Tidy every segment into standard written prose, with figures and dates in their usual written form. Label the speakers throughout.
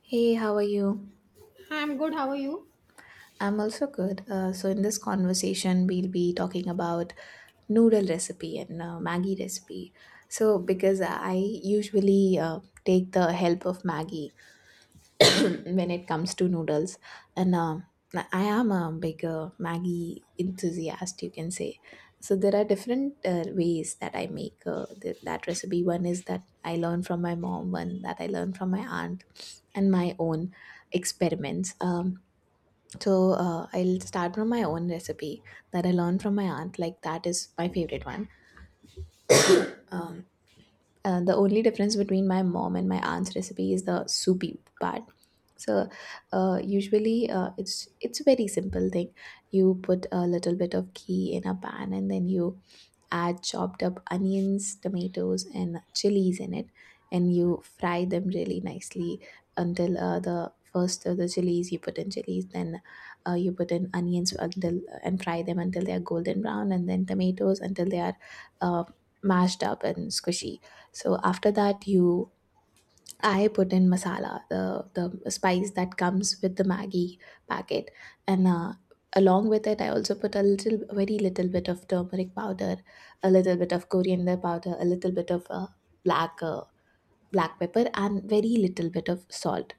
Speaker 1: Hey, how are you?
Speaker 2: Hi, I'm good. How are you?
Speaker 1: I'm also good. So in this conversation, we'll be talking about noodle recipe and Maggie recipe. So because I usually take the help of Maggie when it comes to noodles, and I am a big Maggie enthusiast, you can say. So there are different ways that I make that recipe. One is that I learn from my mom, one that I learn from my aunt, and my own experiments. So I'll start from my own recipe that I learned from my aunt. Like that is my favorite one. Um, the only difference between my mom and my aunt's recipe is the soupy part. So Usually it's a very simple thing. You put a little bit of ghee in a pan and then you add chopped up onions, tomatoes, and chilies in it, and you fry them really nicely until the first of the chilies you put in chilies, then you put in onions until and fry them until they are golden brown, and then tomatoes until they are uh, mashed up and squishy. So after that, you I put in masala, the spice that comes with the Maggi packet, and along with it, I also put a little, very little bit of turmeric powder, a little bit of coriander powder, a little bit of black black pepper, and very little bit of salt.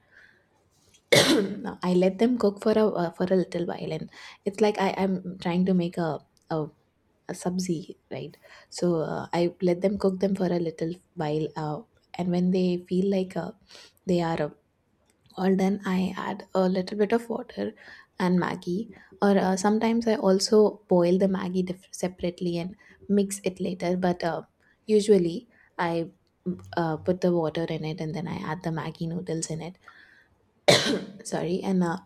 Speaker 1: Now, I let them cook for a little while, and it's like I am trying to make a, a sabzi, right? So I let them cook them for a little while, and when they feel like they are or then I add a little bit of water and maggi. Or sometimes I also boil the maggi separately and mix it later. But usually I put the water in it and then I add the maggi noodles in it. Sorry, and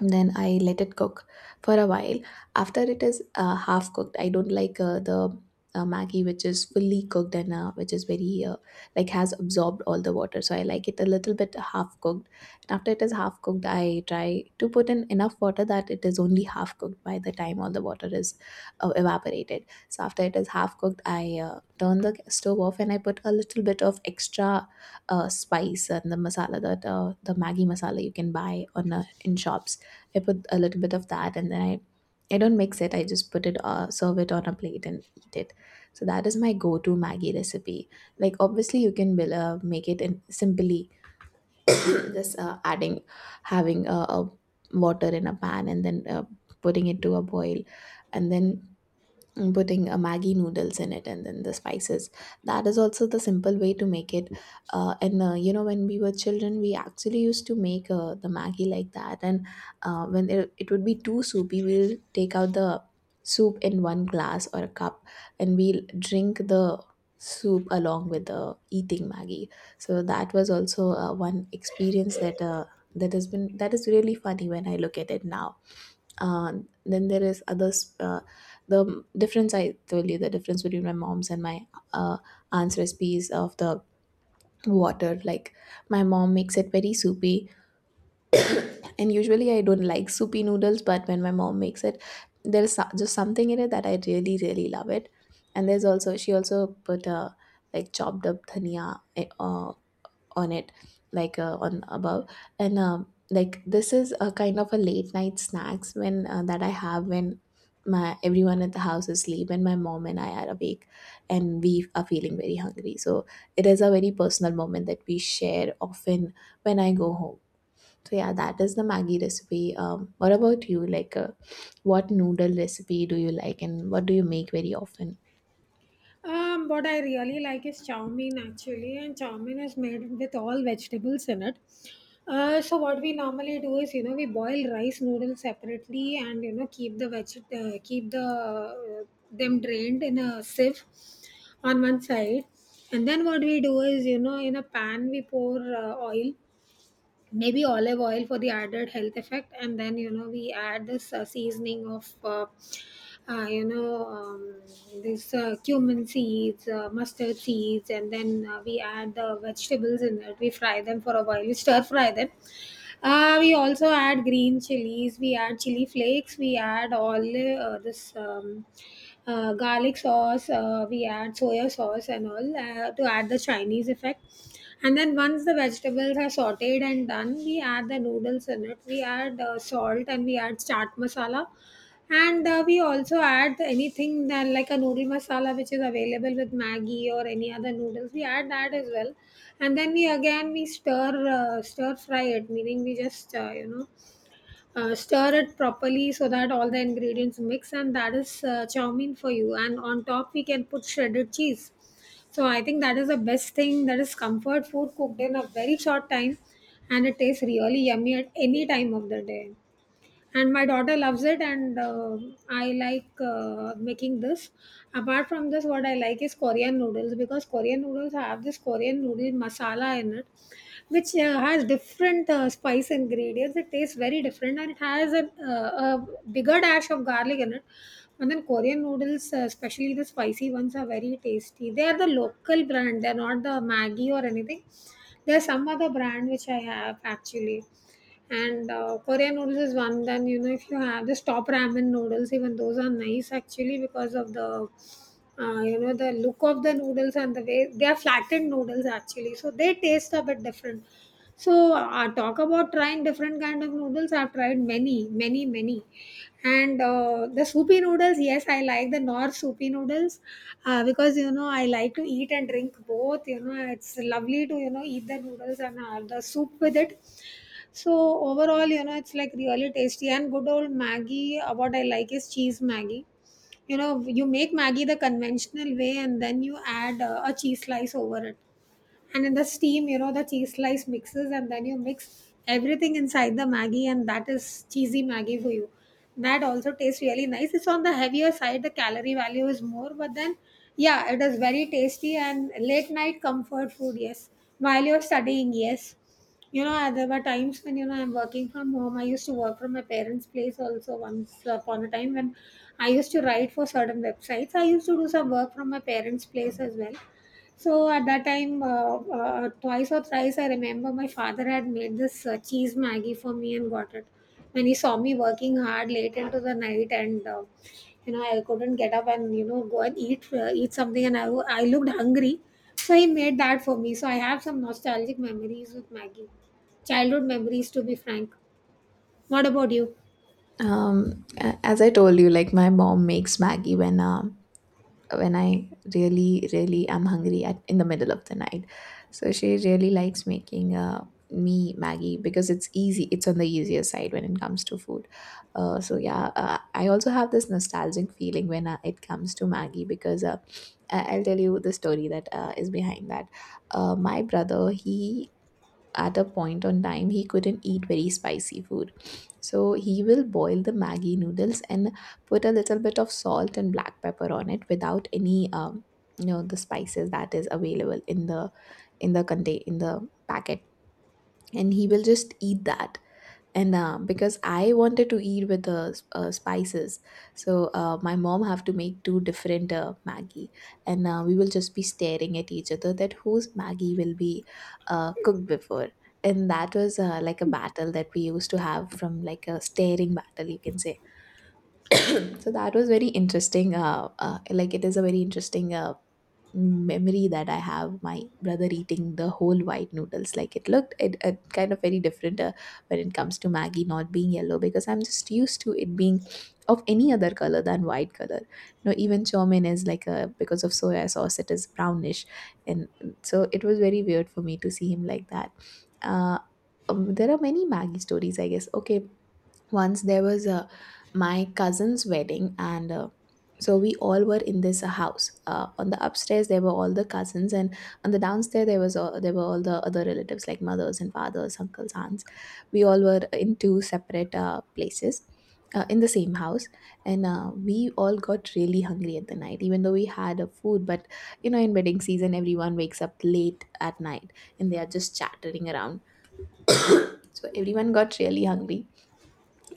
Speaker 1: then I let it cook for a while. After it is half cooked, I don't like the maggi which is fully cooked, and which is very like has absorbed all the water, so I like it a little bit half cooked. And after it is half cooked, I try to put in enough water that it is only half cooked by the time all the water is evaporated. So after it is half cooked, I turn the stove off and I put a little bit of extra spice and the masala that the maggi masala you can buy on in shops. I put a little bit of that and then I don't mix it. I just put it serve it on a plate and eat it. So that is my go-to Maggie recipe. Like obviously you can make it in simply just adding having a water in a pan and then putting it to a boil and then and putting a Maggi noodles in it and then the spices. That is also the simple way to make it. And You know, when we were children, we actually used to make the Maggi like that. And when it would be too soupy, we'll take out the soup in one glass or a cup and we'll drink the soup along with the eating Maggi. So that was also one experience that. That has been That is really funny when I look at it now. uh, then there is others, the difference. I told you the difference between my mom's and my uh, aunt's recipes of the water. Like my mom makes it very soupy, and usually I don't like soupy noodles, but when my mom makes it, there's just something in it that I really really love it. And there's also, she also put a like chopped up dhania on it, like on above. And like this is a kind of a late night snacks when that I have when my everyone at the house is asleep and my mom and I are awake and we are feeling very hungry, so it is a very personal moment that we share often when I go home. So yeah, that is the maggie recipe. What about you, like what noodle recipe do you like and what do you make very often?
Speaker 2: What I really like is chow mein actually, and chow mein is made with all vegetables in it. So what we normally do is, you know, we boil rice noodles separately, and you know, keep the uh, keep the uh, them drained in a sieve on one side, and then what we do is, you know, in a pan we pour oil, maybe olive oil for the added health effect. And then you know we add this seasoning of uh, you know um, this cumin seeds, mustard seeds, and then we add the vegetables in it. We fry them for a while, we stir fry them. We also add green chilies, we add chili flakes, we add all this garlic sauce, we add soya sauce and all, to add the Chinese effect. And then once the vegetables are sauteed and done, we add the noodles in it. We add salt and we add chaat masala, and we also add anything that, like a noodle masala which is available with Maggi or any other noodles. We add that as well, and then we again we stir fry it, meaning we just stir it properly so that all the ingredients mix, and that is chow mein for you. And on top we can put shredded cheese. So I think that is the best thing. That is comfort food cooked in a very short time, and it tastes really yummy at any time of the day, and my daughter loves it. And I like making this. Apart from this, what I like is Korean noodles, because Korean noodles have this Korean noodle masala in it, which has different spice ingredients. It tastes very different, and it has a bigger dash of garlic in it. And then Korean noodles, especially the spicy ones, are very tasty. They are the local brand. They're not the Maggi or anything. There's some other brand which I have actually. And Korean noodles is one. Then you know, if you have the top ramen noodles, even those are nice actually, because of the you know, the look of the noodles and the way they are flattened noodles actually. So they taste a bit different. So talk about trying different kind of noodles, I've tried many, many, many, and the soupy noodles. Yes, I like the North soupy noodles, because you know, I like to eat and drink both. You know, it's lovely to, you know, eat the noodles and the soup with it. So overall, you know, it's like really tasty. And good old Maggie. What I like is cheese Maggie. You know, you make Maggie the conventional way and then you add a cheese slice over it, and in the steam, you know, the cheese slice mixes, and then you mix everything inside the Maggie, and that is cheesy Maggie for you. That also tastes really nice. It's on the heavier side, the calorie value is more, but then yeah, it is very tasty. And late night comfort food, yes, while you're studying, yes. You know, there were times when, you know, I'm working from home. I used to work from my parents' place also, once upon a time, when I used to write for certain websites. I used to do some work from my parents' place as well. So at that time, twice or thrice, I remember my father had made this cheese Maggie for me and got it, when he saw me working hard late into the night. And you know, I couldn't get up and, you know, go and eat eat something, and I looked hungry, so he made that for me. So I have some nostalgic memories with Maggie, childhood memories to be frank. What about you?
Speaker 1: As I told you, like my mom makes maggie when I really, really am hungry at in the middle of the night. So she really likes making me Maggie because it's easy. It's on the easier side when it comes to food. So yeah, I also have this nostalgic feeling when it comes to Maggie, because I'll tell you the story that is behind that. My brother, he at a point on time he couldn't eat very spicy food, so he will boil the maggi noodles and put a little bit of salt and black pepper on it without any you know, the spices that is available in the contain in the packet, and he will just eat that. And because I wanted to eat with the spices, so my mom have to make two different maggie. And we will just be staring at each other that whose maggie will be cooked before. And that was like a battle that we used to have, from like a staring battle you can say. So that was very interesting, like it is a very interesting memory that I have, my brother eating the whole white noodles. Like it looked it kind of very different when it comes to maggie not being yellow, because I'm just used to it being of any other color than white color. You know, even chow mein is like a because of soya sauce it is brownish. And so it was very weird for me to see him like that. uh there are many maggie stories, I guess. Okay, once there was a my cousin's wedding, and so we all were in this house. On the upstairs there were all the cousins, and on the downstairs there was there were all the other relatives like mothers and fathers, uncles, aunts. We all were in two separate places, in the same house. And we all got really hungry at the night even though we had a food, but you know in wedding season everyone wakes up late at night and they are just chattering around, so everyone got really hungry.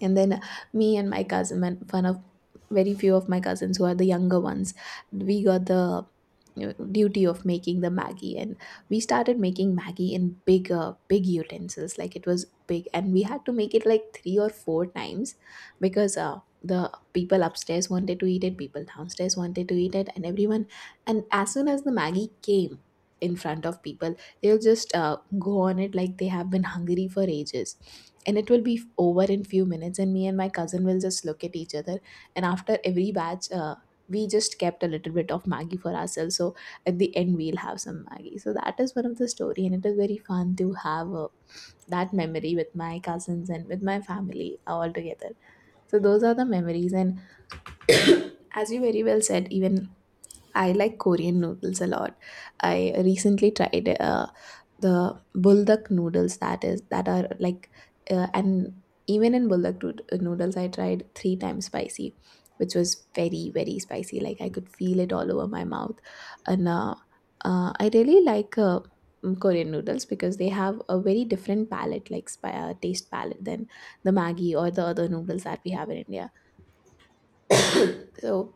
Speaker 1: And then me and my cousin and one of very few of my cousins who are the younger ones, we got the you know, duty of making the maggie. And we started making maggie in bigger big utensils. Like it was big and we had to make it like three or four times, because the people upstairs wanted to eat it, people downstairs wanted to eat it, and everyone. And as soon as the maggie came in front of people, they'll just go on it like they have been hungry for ages, and it will be over in few minutes, and me and my cousin will just look at each other. And after every batch, we just kept a little bit of maggie for ourselves, so at the end we'll have some maggie. So that is one of the story, and it is very fun to have that memory with my cousins and with my family all together. So those are the memories. And as you very well said, even I like Korean noodles a lot. I recently tried the buldak noodles, that is that are like and even in buldak noodles I tried three times spicy, which was very very spicy. Like I could feel it all over my mouth. And I really like. Korean noodles, because they have a very different palette, like taste palette, than the Maggi or the other noodles that we have in India. So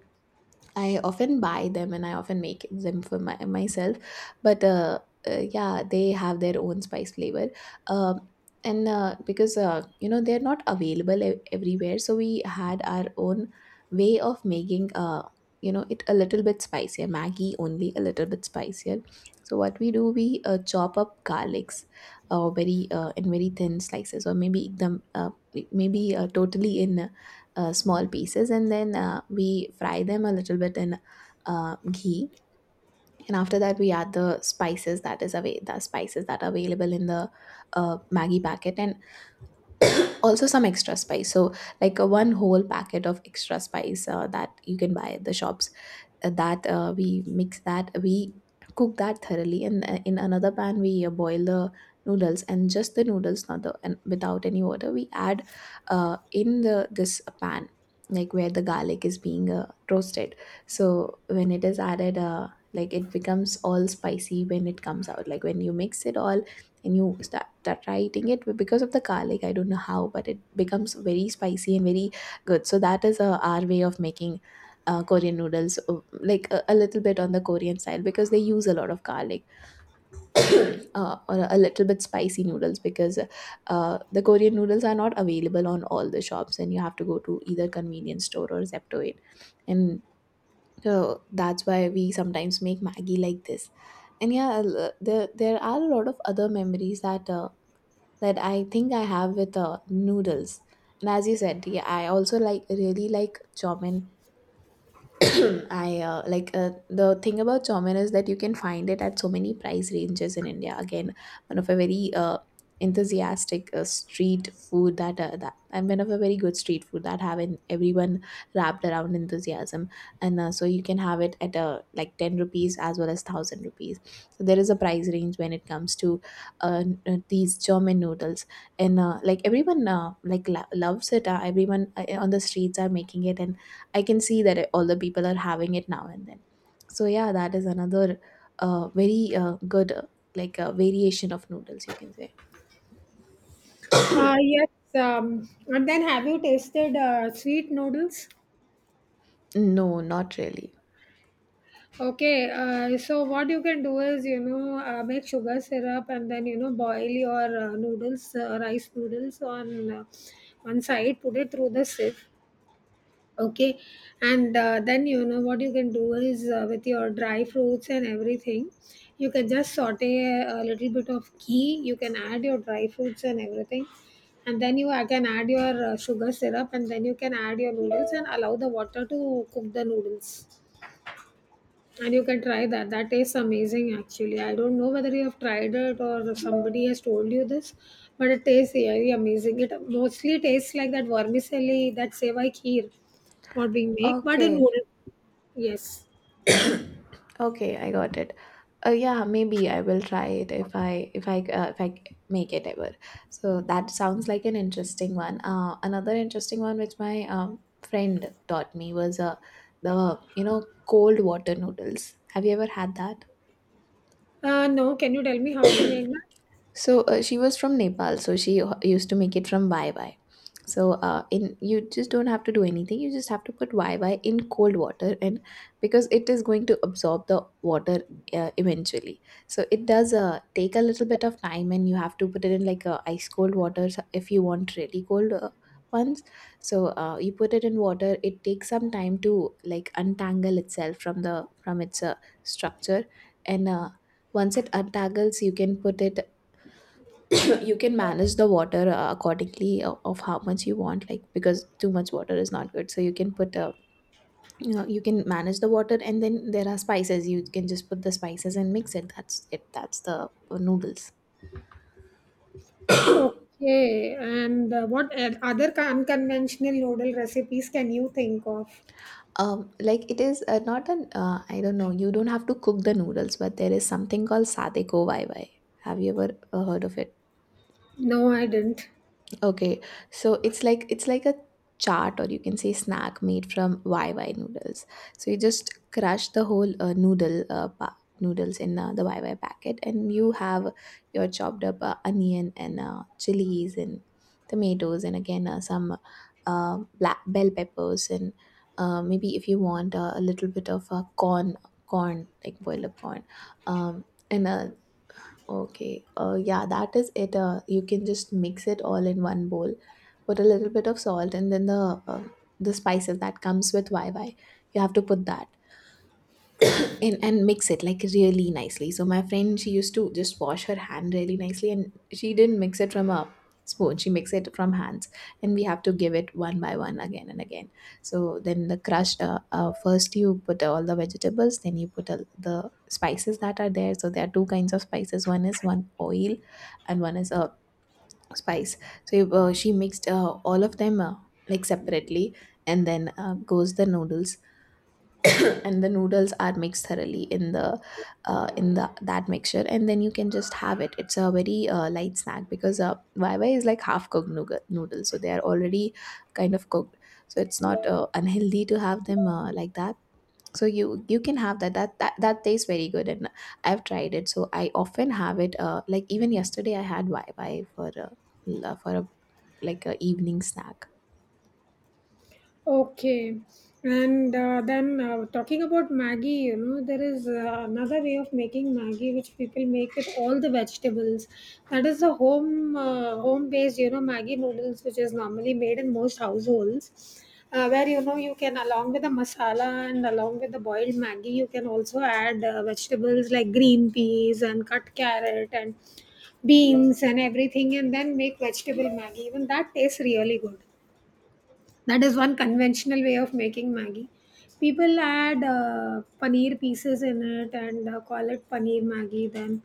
Speaker 1: I often buy them and I often make them for myself. But yeah, they have their own spice flavor. Um, and because you know they're not available everywhere, so we had our own way of making you know it a little bit spicier. Maggie only a little bit spicier. So what we do, we chop up garlics, very in very thin slices, or maybe totally in small pieces, and then we fry them a little bit in ghee, and after that we add the spices that is away the spices that are available in the Maggie packet, and also some extra spice. So like a one whole packet of extra spice that you can buy at the shops, that we mix that, we cook that thoroughly. And in another pan we boil the noodles, and just the noodles, not the, and without any water we add in the this pan, like, where the garlic is being roasted. So when it is added, like, it becomes all spicy when it comes out, like when you mix it all and you start try eating it. But because of the garlic, I don't know how, but it becomes very spicy and very good. So that is our way of making Korean noodles, like a little bit on the Korean side, because they use a lot of garlic, or a little bit spicy noodles, because the Korean noodles are not available on all the shops, and you have to go to either convenience store or Zeptoid, and so that's why we sometimes make Maggie like this. And yeah, there are a lot of other memories that I think I have with noodles. And as you said, yeah, I also really like chow mein. I like The thing about chowmein is that you can find it at so many price ranges in India. Again, one of a very enthusiastic street food that and one of a very good street food that have in everyone wrapped around enthusiasm, and so you can have it at like 10 rupees as well as 1,000 rupees. So there is a price range when it comes to these chowmein noodles, and like, everyone loves it. Everyone on the streets are making it, and I can see that all the people are having it now and then. So yeah, that is another very good variation of noodles, you can say.
Speaker 2: Yes. And then have you tasted sweet noodles?
Speaker 1: No, not really.
Speaker 2: Okay, so what you can do is, you know, make sugar syrup, and then, you know, boil your noodles, rice noodles on one side, put it through the sieve. Okay, and then, you know, what you can do is, with your dry fruits and everything, you can just saute a little bit of ghee, you can add your dry fruits and everything. And then you can add your sugar syrup, and then you can add your noodles and allow the water to cook the noodles. And you can try that. That tastes amazing, actually. I don't know whether you have tried it or somebody has told you this, but it tastes really amazing. It mostly tastes like that vermicelli, that sevai kheer, what we make, but in
Speaker 1: Okay,
Speaker 2: noodle. Yes.
Speaker 1: okay, I got it. Yeah, maybe I will try it if I make it ever. So that sounds like an interesting one. Another interesting one which my friend taught me was the cold water noodles. Have you ever had that?
Speaker 2: No, can you tell me how to make that?
Speaker 1: So she was from Nepal, so used to make it from YY. So in you just don't have to do anything. You just have to put YY in cold water, and because it is going to absorb the water eventually. So it does take a little bit of time, and you have to put it in, like, ice cold water, if you want really cold ones. So you put it in water. It takes some time to, like, untangle itself from its structure, and once it untangles, you can put it you can manage the water accordingly, of how much you want, like, because too much water is not good, so you can put a, you can manage the water, and then there are spices. You can just put the spices and mix it. That's it. That's the noodles.
Speaker 2: Okay. And what unconventional noodle recipes can you think of?
Speaker 1: um like, it is not an I don't know, you don't have to cook the noodles, but there is something called sade ko vai vai. Have you ever heard of it?
Speaker 2: No, I didn't.
Speaker 1: Okay, so it's like a chaat, or you can say snack, made from YY noodles. So you just crush the whole noodles in the YY packet, and you have your chopped up onion and chilies and tomatoes, and again some black bell peppers, and maybe, if you want, a little bit of corn, like boiled up corn, um, and okay. Yeah, that is it. You can just mix it all in one bowl. Put a little bit of salt, and then the spices that comes with YY. You have to put that and mix it like really nicely. So my friend, she used to just wash her hand really nicely, and she didn't mix it from a spoon. She mixed it from hands, and we have to give it one by one again and again. So then the crushed. First you put all the vegetables, then you put all the spices that are there. So there are two kinds of spices. One is one oil, and one is a spice. So she mixed all of them like separately, and then goes the noodles, and the noodles are mixed thoroughly in the that mixture, and then you can just have it. It's a very light snack, because YY is like half cooked noodles, so they are already kind of cooked. So it's not unhealthy to have them like that. So you can have that. That tastes very good, and I've tried it. So I often have it, like, even yesterday I had YY for a like a evening snack.
Speaker 2: Okay, and then talking about Maggi, you know, there is another way of making Maggi which people make with all the vegetables. That is the home based, you know, Maggi noodles, which is normally made in most households, where, you know, you can, along with the masala and along with the boiled Maggi, you can also add vegetables like green peas and cut carrot and beans and everything, and then make vegetable Maggi. Even that tastes really good. That is one conventional way of making Maggi. People add paneer pieces in it and call it paneer Maggi. Then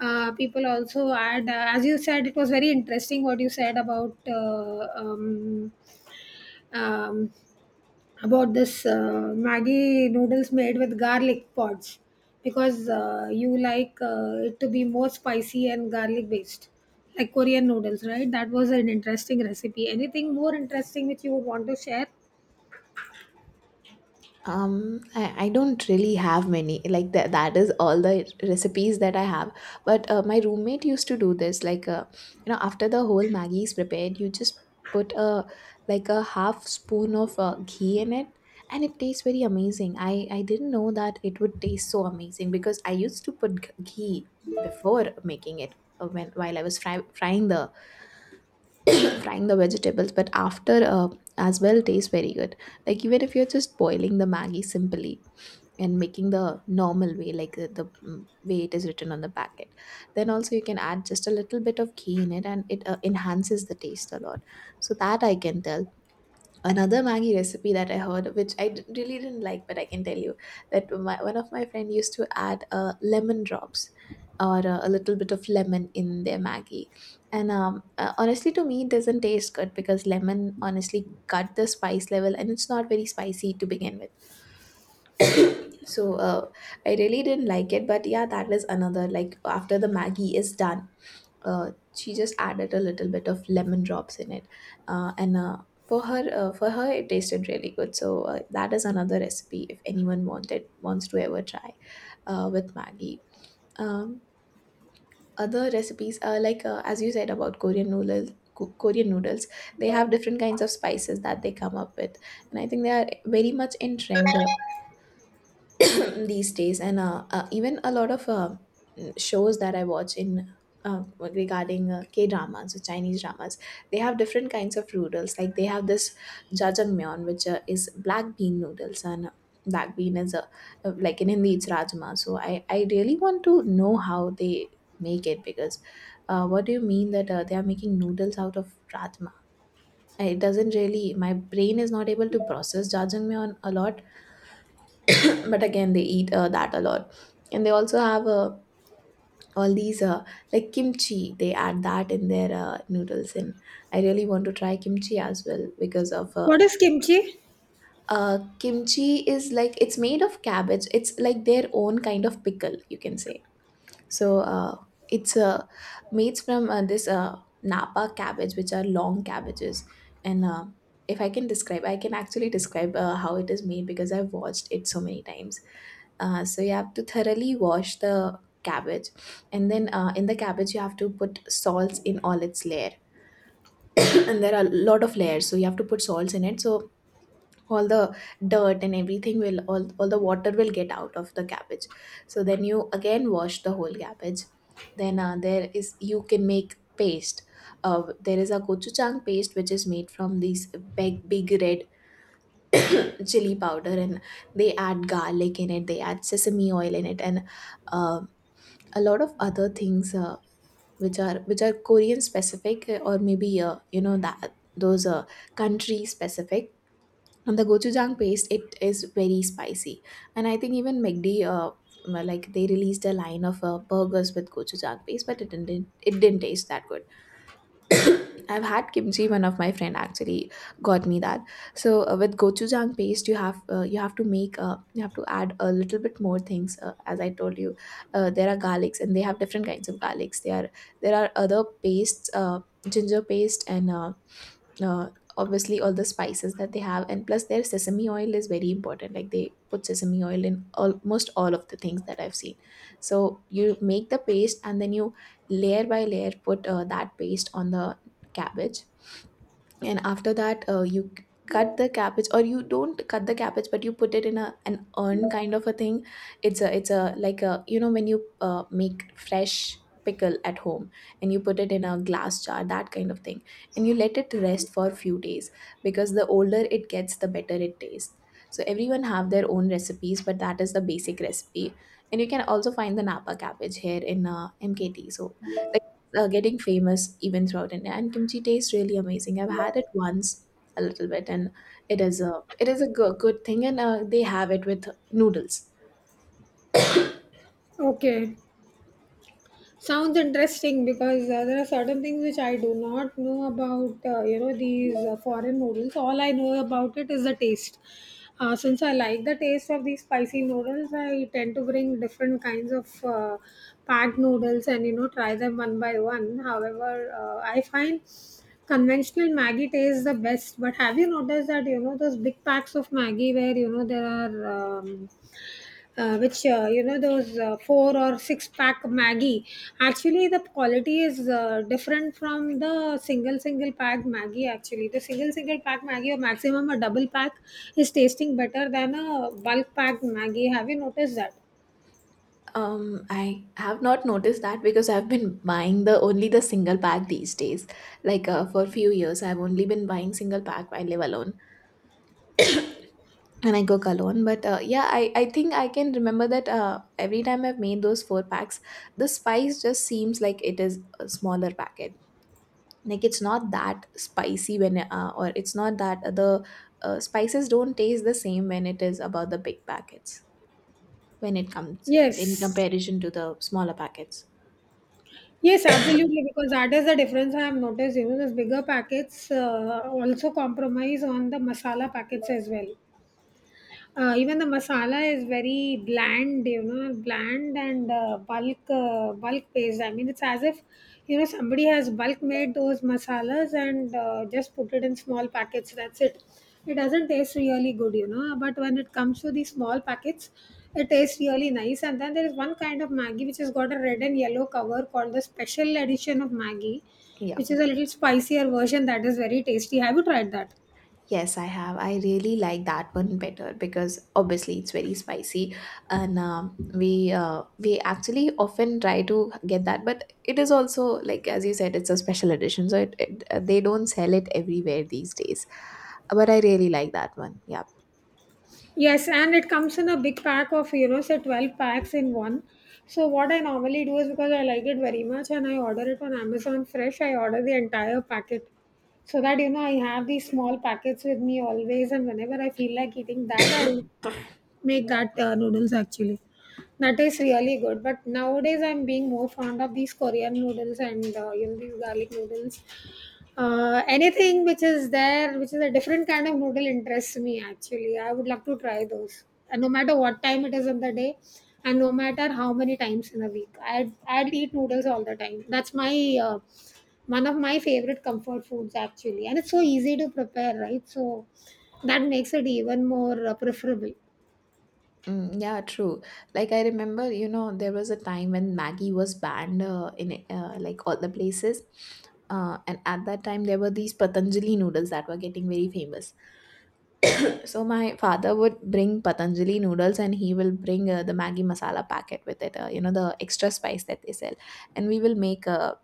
Speaker 2: people also add, as you said, it was very interesting what you said um, about this Maggi noodles made with garlic pods, because you like it to be more spicy and garlic based, like Korean noodles, right? That was an interesting recipe. Anything more interesting which you would want to share?
Speaker 1: I don't really have many. Like that is all the recipes that I have. But my roommate used to do this. Like, after the whole Maggi is prepared, you just put a like a half spoon of ghee in it, and it tastes very amazing. I didn't know that it would taste so amazing, because I used to put ghee before making it, when while I was frying the vegetables. But after, as well, tastes very good. Like, even if you're just boiling the Maggi simply and making the normal way, like the way it is written on the packet, then also you can add just a little bit of ghee in it, and it enhances the taste a lot. So that I can tell another Maggi recipe that I heard, which really didn't like, but I can tell you that one of my friend used to add lemon drops, or a little bit of lemon in their Maggi, and honestly, to me it doesn't taste good, because lemon honestly cut the spice level, and it's not very spicy to begin with. So I really didn't like it. But yeah, that was another. Like, after the Maggie is done, she just added a little bit of lemon drops in it, and for her it tasted really good. So that is another recipe if anyone wanted wants to ever try with Maggie. um, Other recipes are, like, as you said about Korean noodles, they have different kinds of spices that they come up with, and I think they are very much in trend, these days. And even a lot of shows that I watch in uh, regarding K dramas or Chinese dramas, they have different kinds of noodles. Like, they have this jajangmyeon, which is black bean noodles, and black bean is a like, in Hindi, it's rajma. So I really want to know how they make it, because what do you mean that they are making noodles out of rajma? It doesn't really. My brain is not able to process jajangmyeon a lot, but again they eat that a lot, and they also have all these like kimchi, they add that in their noodles. And I really want to try kimchi as well because of
Speaker 2: What is kimchi?
Speaker 1: kimchi is like, it's made of cabbage. It's like their own kind of pickle, you can say. So it's made from this napa cabbage, which are long cabbages. And if I can describe, I can actually describe how it is made, because I've watched it so many times. So you have to thoroughly wash the cabbage, and then in the cabbage you have to put salts in all its layer. And there are a lot of layers, so you have to put salts in it, so all the dirt and everything will all the water will get out of the cabbage. So then you again wash the whole cabbage, then there is, you can make paste. There is a gochujang paste, which is made from these big red chili powder, and they add garlic in it, they add sesame oil in it, and um a lot of other things which are Korean specific, or maybe you know that those country specific. And the gochujang paste, it is very spicy. And I think even MCD, uh, like they released a line of burgers with gochujang paste, but it didn't taste that good. I've had kimchi. One of my friend actually got me that. So with gochujang paste, you have to make you have to add a little bit more things. As I told you, there are garlics, and they have different kinds of garlics. There are other pastes, ginger paste, and uh, obviously all the spices that they have, and plus their sesame oil is very important. Like, they put sesame oil in almost all of the things that I've seen. So you make the paste, and then you layer by layer put that paste on the cabbage. And after that you cut the cabbage, or you don't cut the cabbage, but you put it in a an urn kind of a thing. It's a it's a like a, you know, when you make fresh pickle at home and you put it in a glass jar, that kind of thing. And you let it rest for a few days, because the older it gets, the better it tastes. So everyone have their own recipes, but that is the basic recipe. And you can also find the napa cabbage here in MKT, so, like, getting famous even throughout India. And kimchi tastes really amazing. I've had it once a little bit, and it is a good thing. And they have it with noodles.
Speaker 2: Okay, sounds interesting, because there are certain things which I do not know about. You know, these foreign noodles, all I know about it is the taste. Since I like the taste of these spicy noodles, I tend to bring different kinds of packed noodles and, you know, try them one by one. However, I find conventional Maggi tastes the best. But have you noticed that, you know, those big packs of Maggi where, you know, there are which you know, those four or six pack Maggie, actually the quality is different from the single pack Maggie? Actually the single pack Maggie, or maximum a double pack, is tasting better than a bulk pack Maggie. Have you noticed that?
Speaker 1: I have not noticed that, because I've been buying the only the single pack these days. Like, for a few years, I've only been buying single pack. I live alone and I cook alone. But yeah, I think I can remember that every time I've made those four packs, the spice just seems like it is a smaller packet. Like, it's not that spicy when or it's not that the spices don't taste the same when it is about the big packets, when it comes in
Speaker 2: Yes,
Speaker 1: comparison to the smaller packets.
Speaker 2: yes, absolutely, because that is the difference I have noticed. You know, those bigger packets also compromise on the masala packets as well. Even the masala is very bland, you know, bland and bulk based. I mean, it's as if, you know, somebody has bulk made those masalas and just put it in small packets. That's it. It doesn't taste really good, you know. But when it comes to the small packets, it tastes really nice. And then there is one kind of Maggi which has got a red and yellow cover called the special edition of Maggi,
Speaker 1: Yeah,
Speaker 2: which is a little spicier version. That is very tasty. Have you tried that?
Speaker 1: yes, I have. I really like that one better, because obviously it's very spicy, and we actually often try to get that, but it is also, like as you said, it's a special edition, so it they don't sell it everywhere these days, but I really like that one, yeah.
Speaker 2: Yes, and it comes in a big pack of, you know, say 12 packs in one. So what I normally do is, because I like it very much, and I order it on Amazon Fresh, I order the entire packet, so that, you know, I have these small packets with me always. And whenever I feel like eating that, I make that noodles actually. That is really good. But nowadays I'm being more fond of these Korean noodles, and you know, these garlic noodles. Anything which is there, which is a different kind of noodle, interests me actually. I would love to try those, and no matter what time it is in the day, and no matter how many times in a week, I'd eat noodles all the time. That's my one of my favorite comfort foods actually, and it's so easy to prepare, right? So that makes it even more preferable.
Speaker 1: Mm, yeah, true. Like, I remember, you know, there was a time when Maggie was banned in like all the places, and at that time there were these Patanjali noodles that were getting very famous. So my father would bring Patanjali noodles, and he will bring the Maggi masala packet with it, you know, the extra spice that they sell. And we will make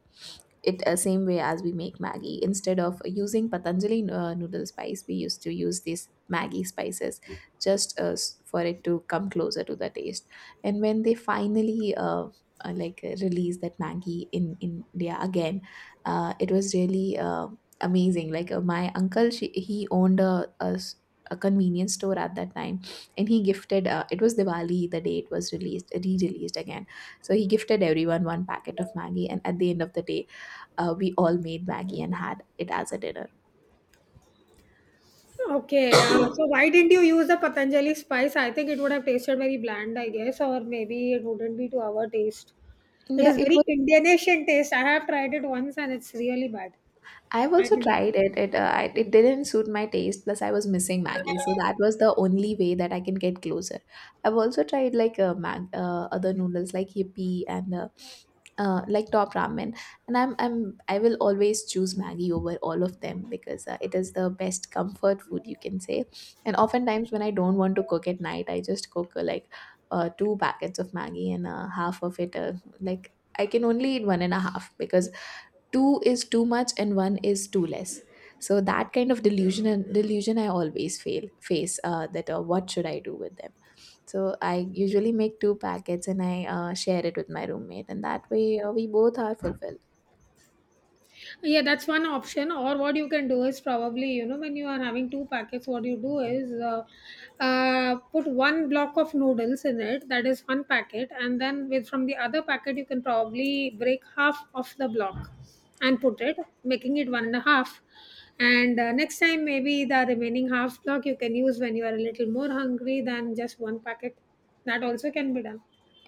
Speaker 1: it same way as we make Maggi. Instead of using Patanjali noodle spice, we used to use these Maggi spices just for it to come closer to the taste. And when they finally released that Maggi in India again, it was really. Amazing. Like, my uncle, he owned a convenience store at that time, and he gifted, it was Diwali the day it was released, re-released again, so he gifted everyone one packet of Maggie, and at the end of the day we all made Maggie and had it as a dinner.
Speaker 2: Okay, so why didn't you use the Patanjali spice? I think it would have tasted very bland, I guess, or maybe it wouldn't be to our taste. It
Speaker 1: Yeah,
Speaker 2: is
Speaker 1: it.
Speaker 2: very Indian Asian taste. I have tried it once and it's really bad.
Speaker 1: I've
Speaker 2: I
Speaker 1: also
Speaker 2: didn't like.
Speaker 1: tried it. It didn't suit my taste. Plus, I was missing Maggie, so that was the only way that I can get closer. I've also tried like mag other noodles like Yippee, and like Top Ramen, and I will always choose Maggie over all of them, because it is the best comfort food, you can say. And oftentimes when I don't want to cook at night, I just cook, two packets of Maggie, and half of it like, I can only eat one and a half, because two is too much and one is too less. So that kind of delusion and delusion I always fail face, that what should I do with them? So I usually make two packets, and I share it with my roommate, and that way we both are fulfilled.
Speaker 2: Yeah, that's one option. Or what you can do is probably, you know, when you are having two packets, what you do is, put one block of noodles in it. That is one packet, and then with, from the other packet, you can probably break half of the block and put it, making it one and a half. And next time, maybe the remaining half block you can use when you are a little more hungry than just one packet. That also can be done.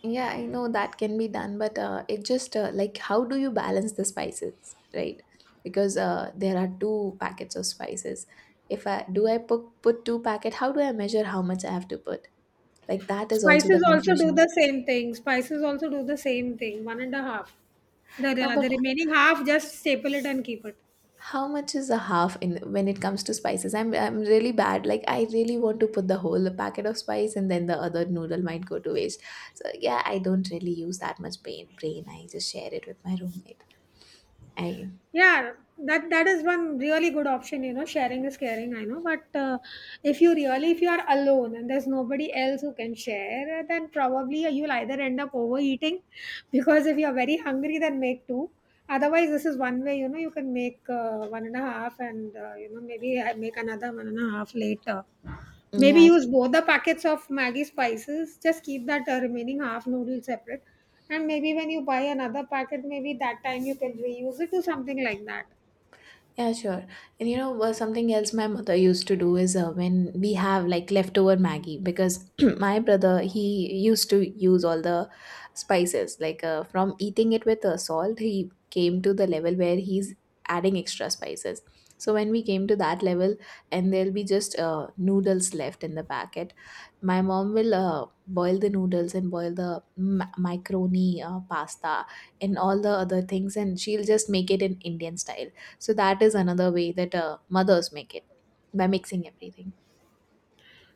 Speaker 1: Yeah, I know that can be done, but it just, like, how do you balance the spices, right? Because there are two packets of spices. If I put two packet, how do I measure how much I have to put? Like, that is also the
Speaker 2: Spices also do
Speaker 1: confusion.
Speaker 2: the same thing. Spices also do the same thing. One and a half. The
Speaker 1: No,
Speaker 2: re-
Speaker 1: but
Speaker 2: the remaining half, just staple it and keep it.
Speaker 1: how much is a half in when it comes to spices? I'm really bad. Like, I really want to put the whole packet of spice, and then the other noodle might go to waste. So yeah, I don't really use that much brain. Brain, I just share it with my roommate. I.
Speaker 2: Yeah, that that is one really good option. You know, sharing is caring. I know, but if you really, if you are alone and there's nobody else who can share, then probably you'll either end up overeating, because if you're very hungry, then make two. Otherwise, this is one way. You know, you can make one and a half, and you know, maybe I make another one and a half later. Maybe
Speaker 1: Yeah.
Speaker 2: use both the packets of Maggi spices. Just keep that remaining half noodle separate. And maybe when you buy another packet, maybe that time you can reuse it to something like that.
Speaker 1: Yeah, sure. And you know, well, something else my mother used to do is, when we have like leftover Maggie, because my brother, he used to use all the spices. Like, from eating it with salt, he came to the level where he's adding extra spices. So when we came to that level, and there'll be just noodles left in the packet, my mom will boil the noodles and boil the macaroni, pasta, and all the other things, and she'll just make it in Indian style. So that is another way that mothers make it, by mixing everything.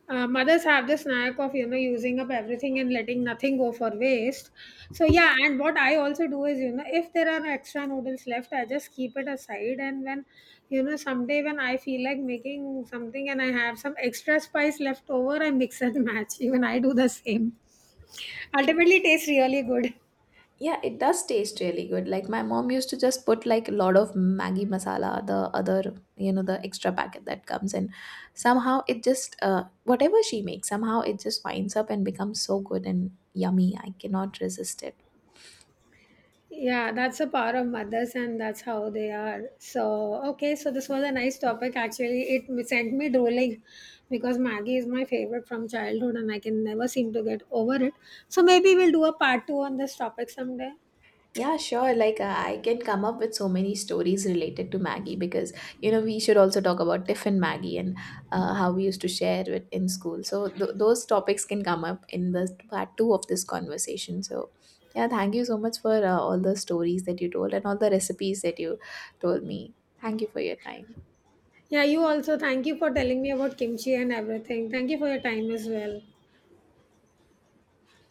Speaker 2: Mothers have this knack of, you know, using up everything and letting nothing go for waste. So yeah, and what I also do is, you know, if there are extra noodles left, I just keep it aside. And when, you know, someday when I feel like making something and I have some extra spice left over, I mix and match. Even I do the same. Ultimately, it tastes really good.
Speaker 1: Yeah, it does taste really good. Like, my mom used to just put like a lot of Maggi masala, the other, you know, the extra packet that comes in. Somehow it just, whatever she makes, somehow it just winds up and becomes so good and yummy. I cannot resist it.
Speaker 2: Yeah, that's the power of mothers, and that's how they are. So, okay, so this was a nice topic. Actually, it sent me drooling, because Maggie is my favorite from childhood, and I can never seem to get over it. So, maybe we'll do a part two on this topic someday.
Speaker 1: Yeah, sure. Like, I can come up with so many stories related to Maggie, because, you know, we should also talk about Tiffin Maggie, and how we used to share it in school. So, those topics can come up in the part two of this conversation. So, yeah, thank you so much for all the stories that you told and all the recipes that you told me. Thank you for your time.
Speaker 2: Yeah, you also. Thank you for telling me about kimchi and everything. Thank you for your time as well.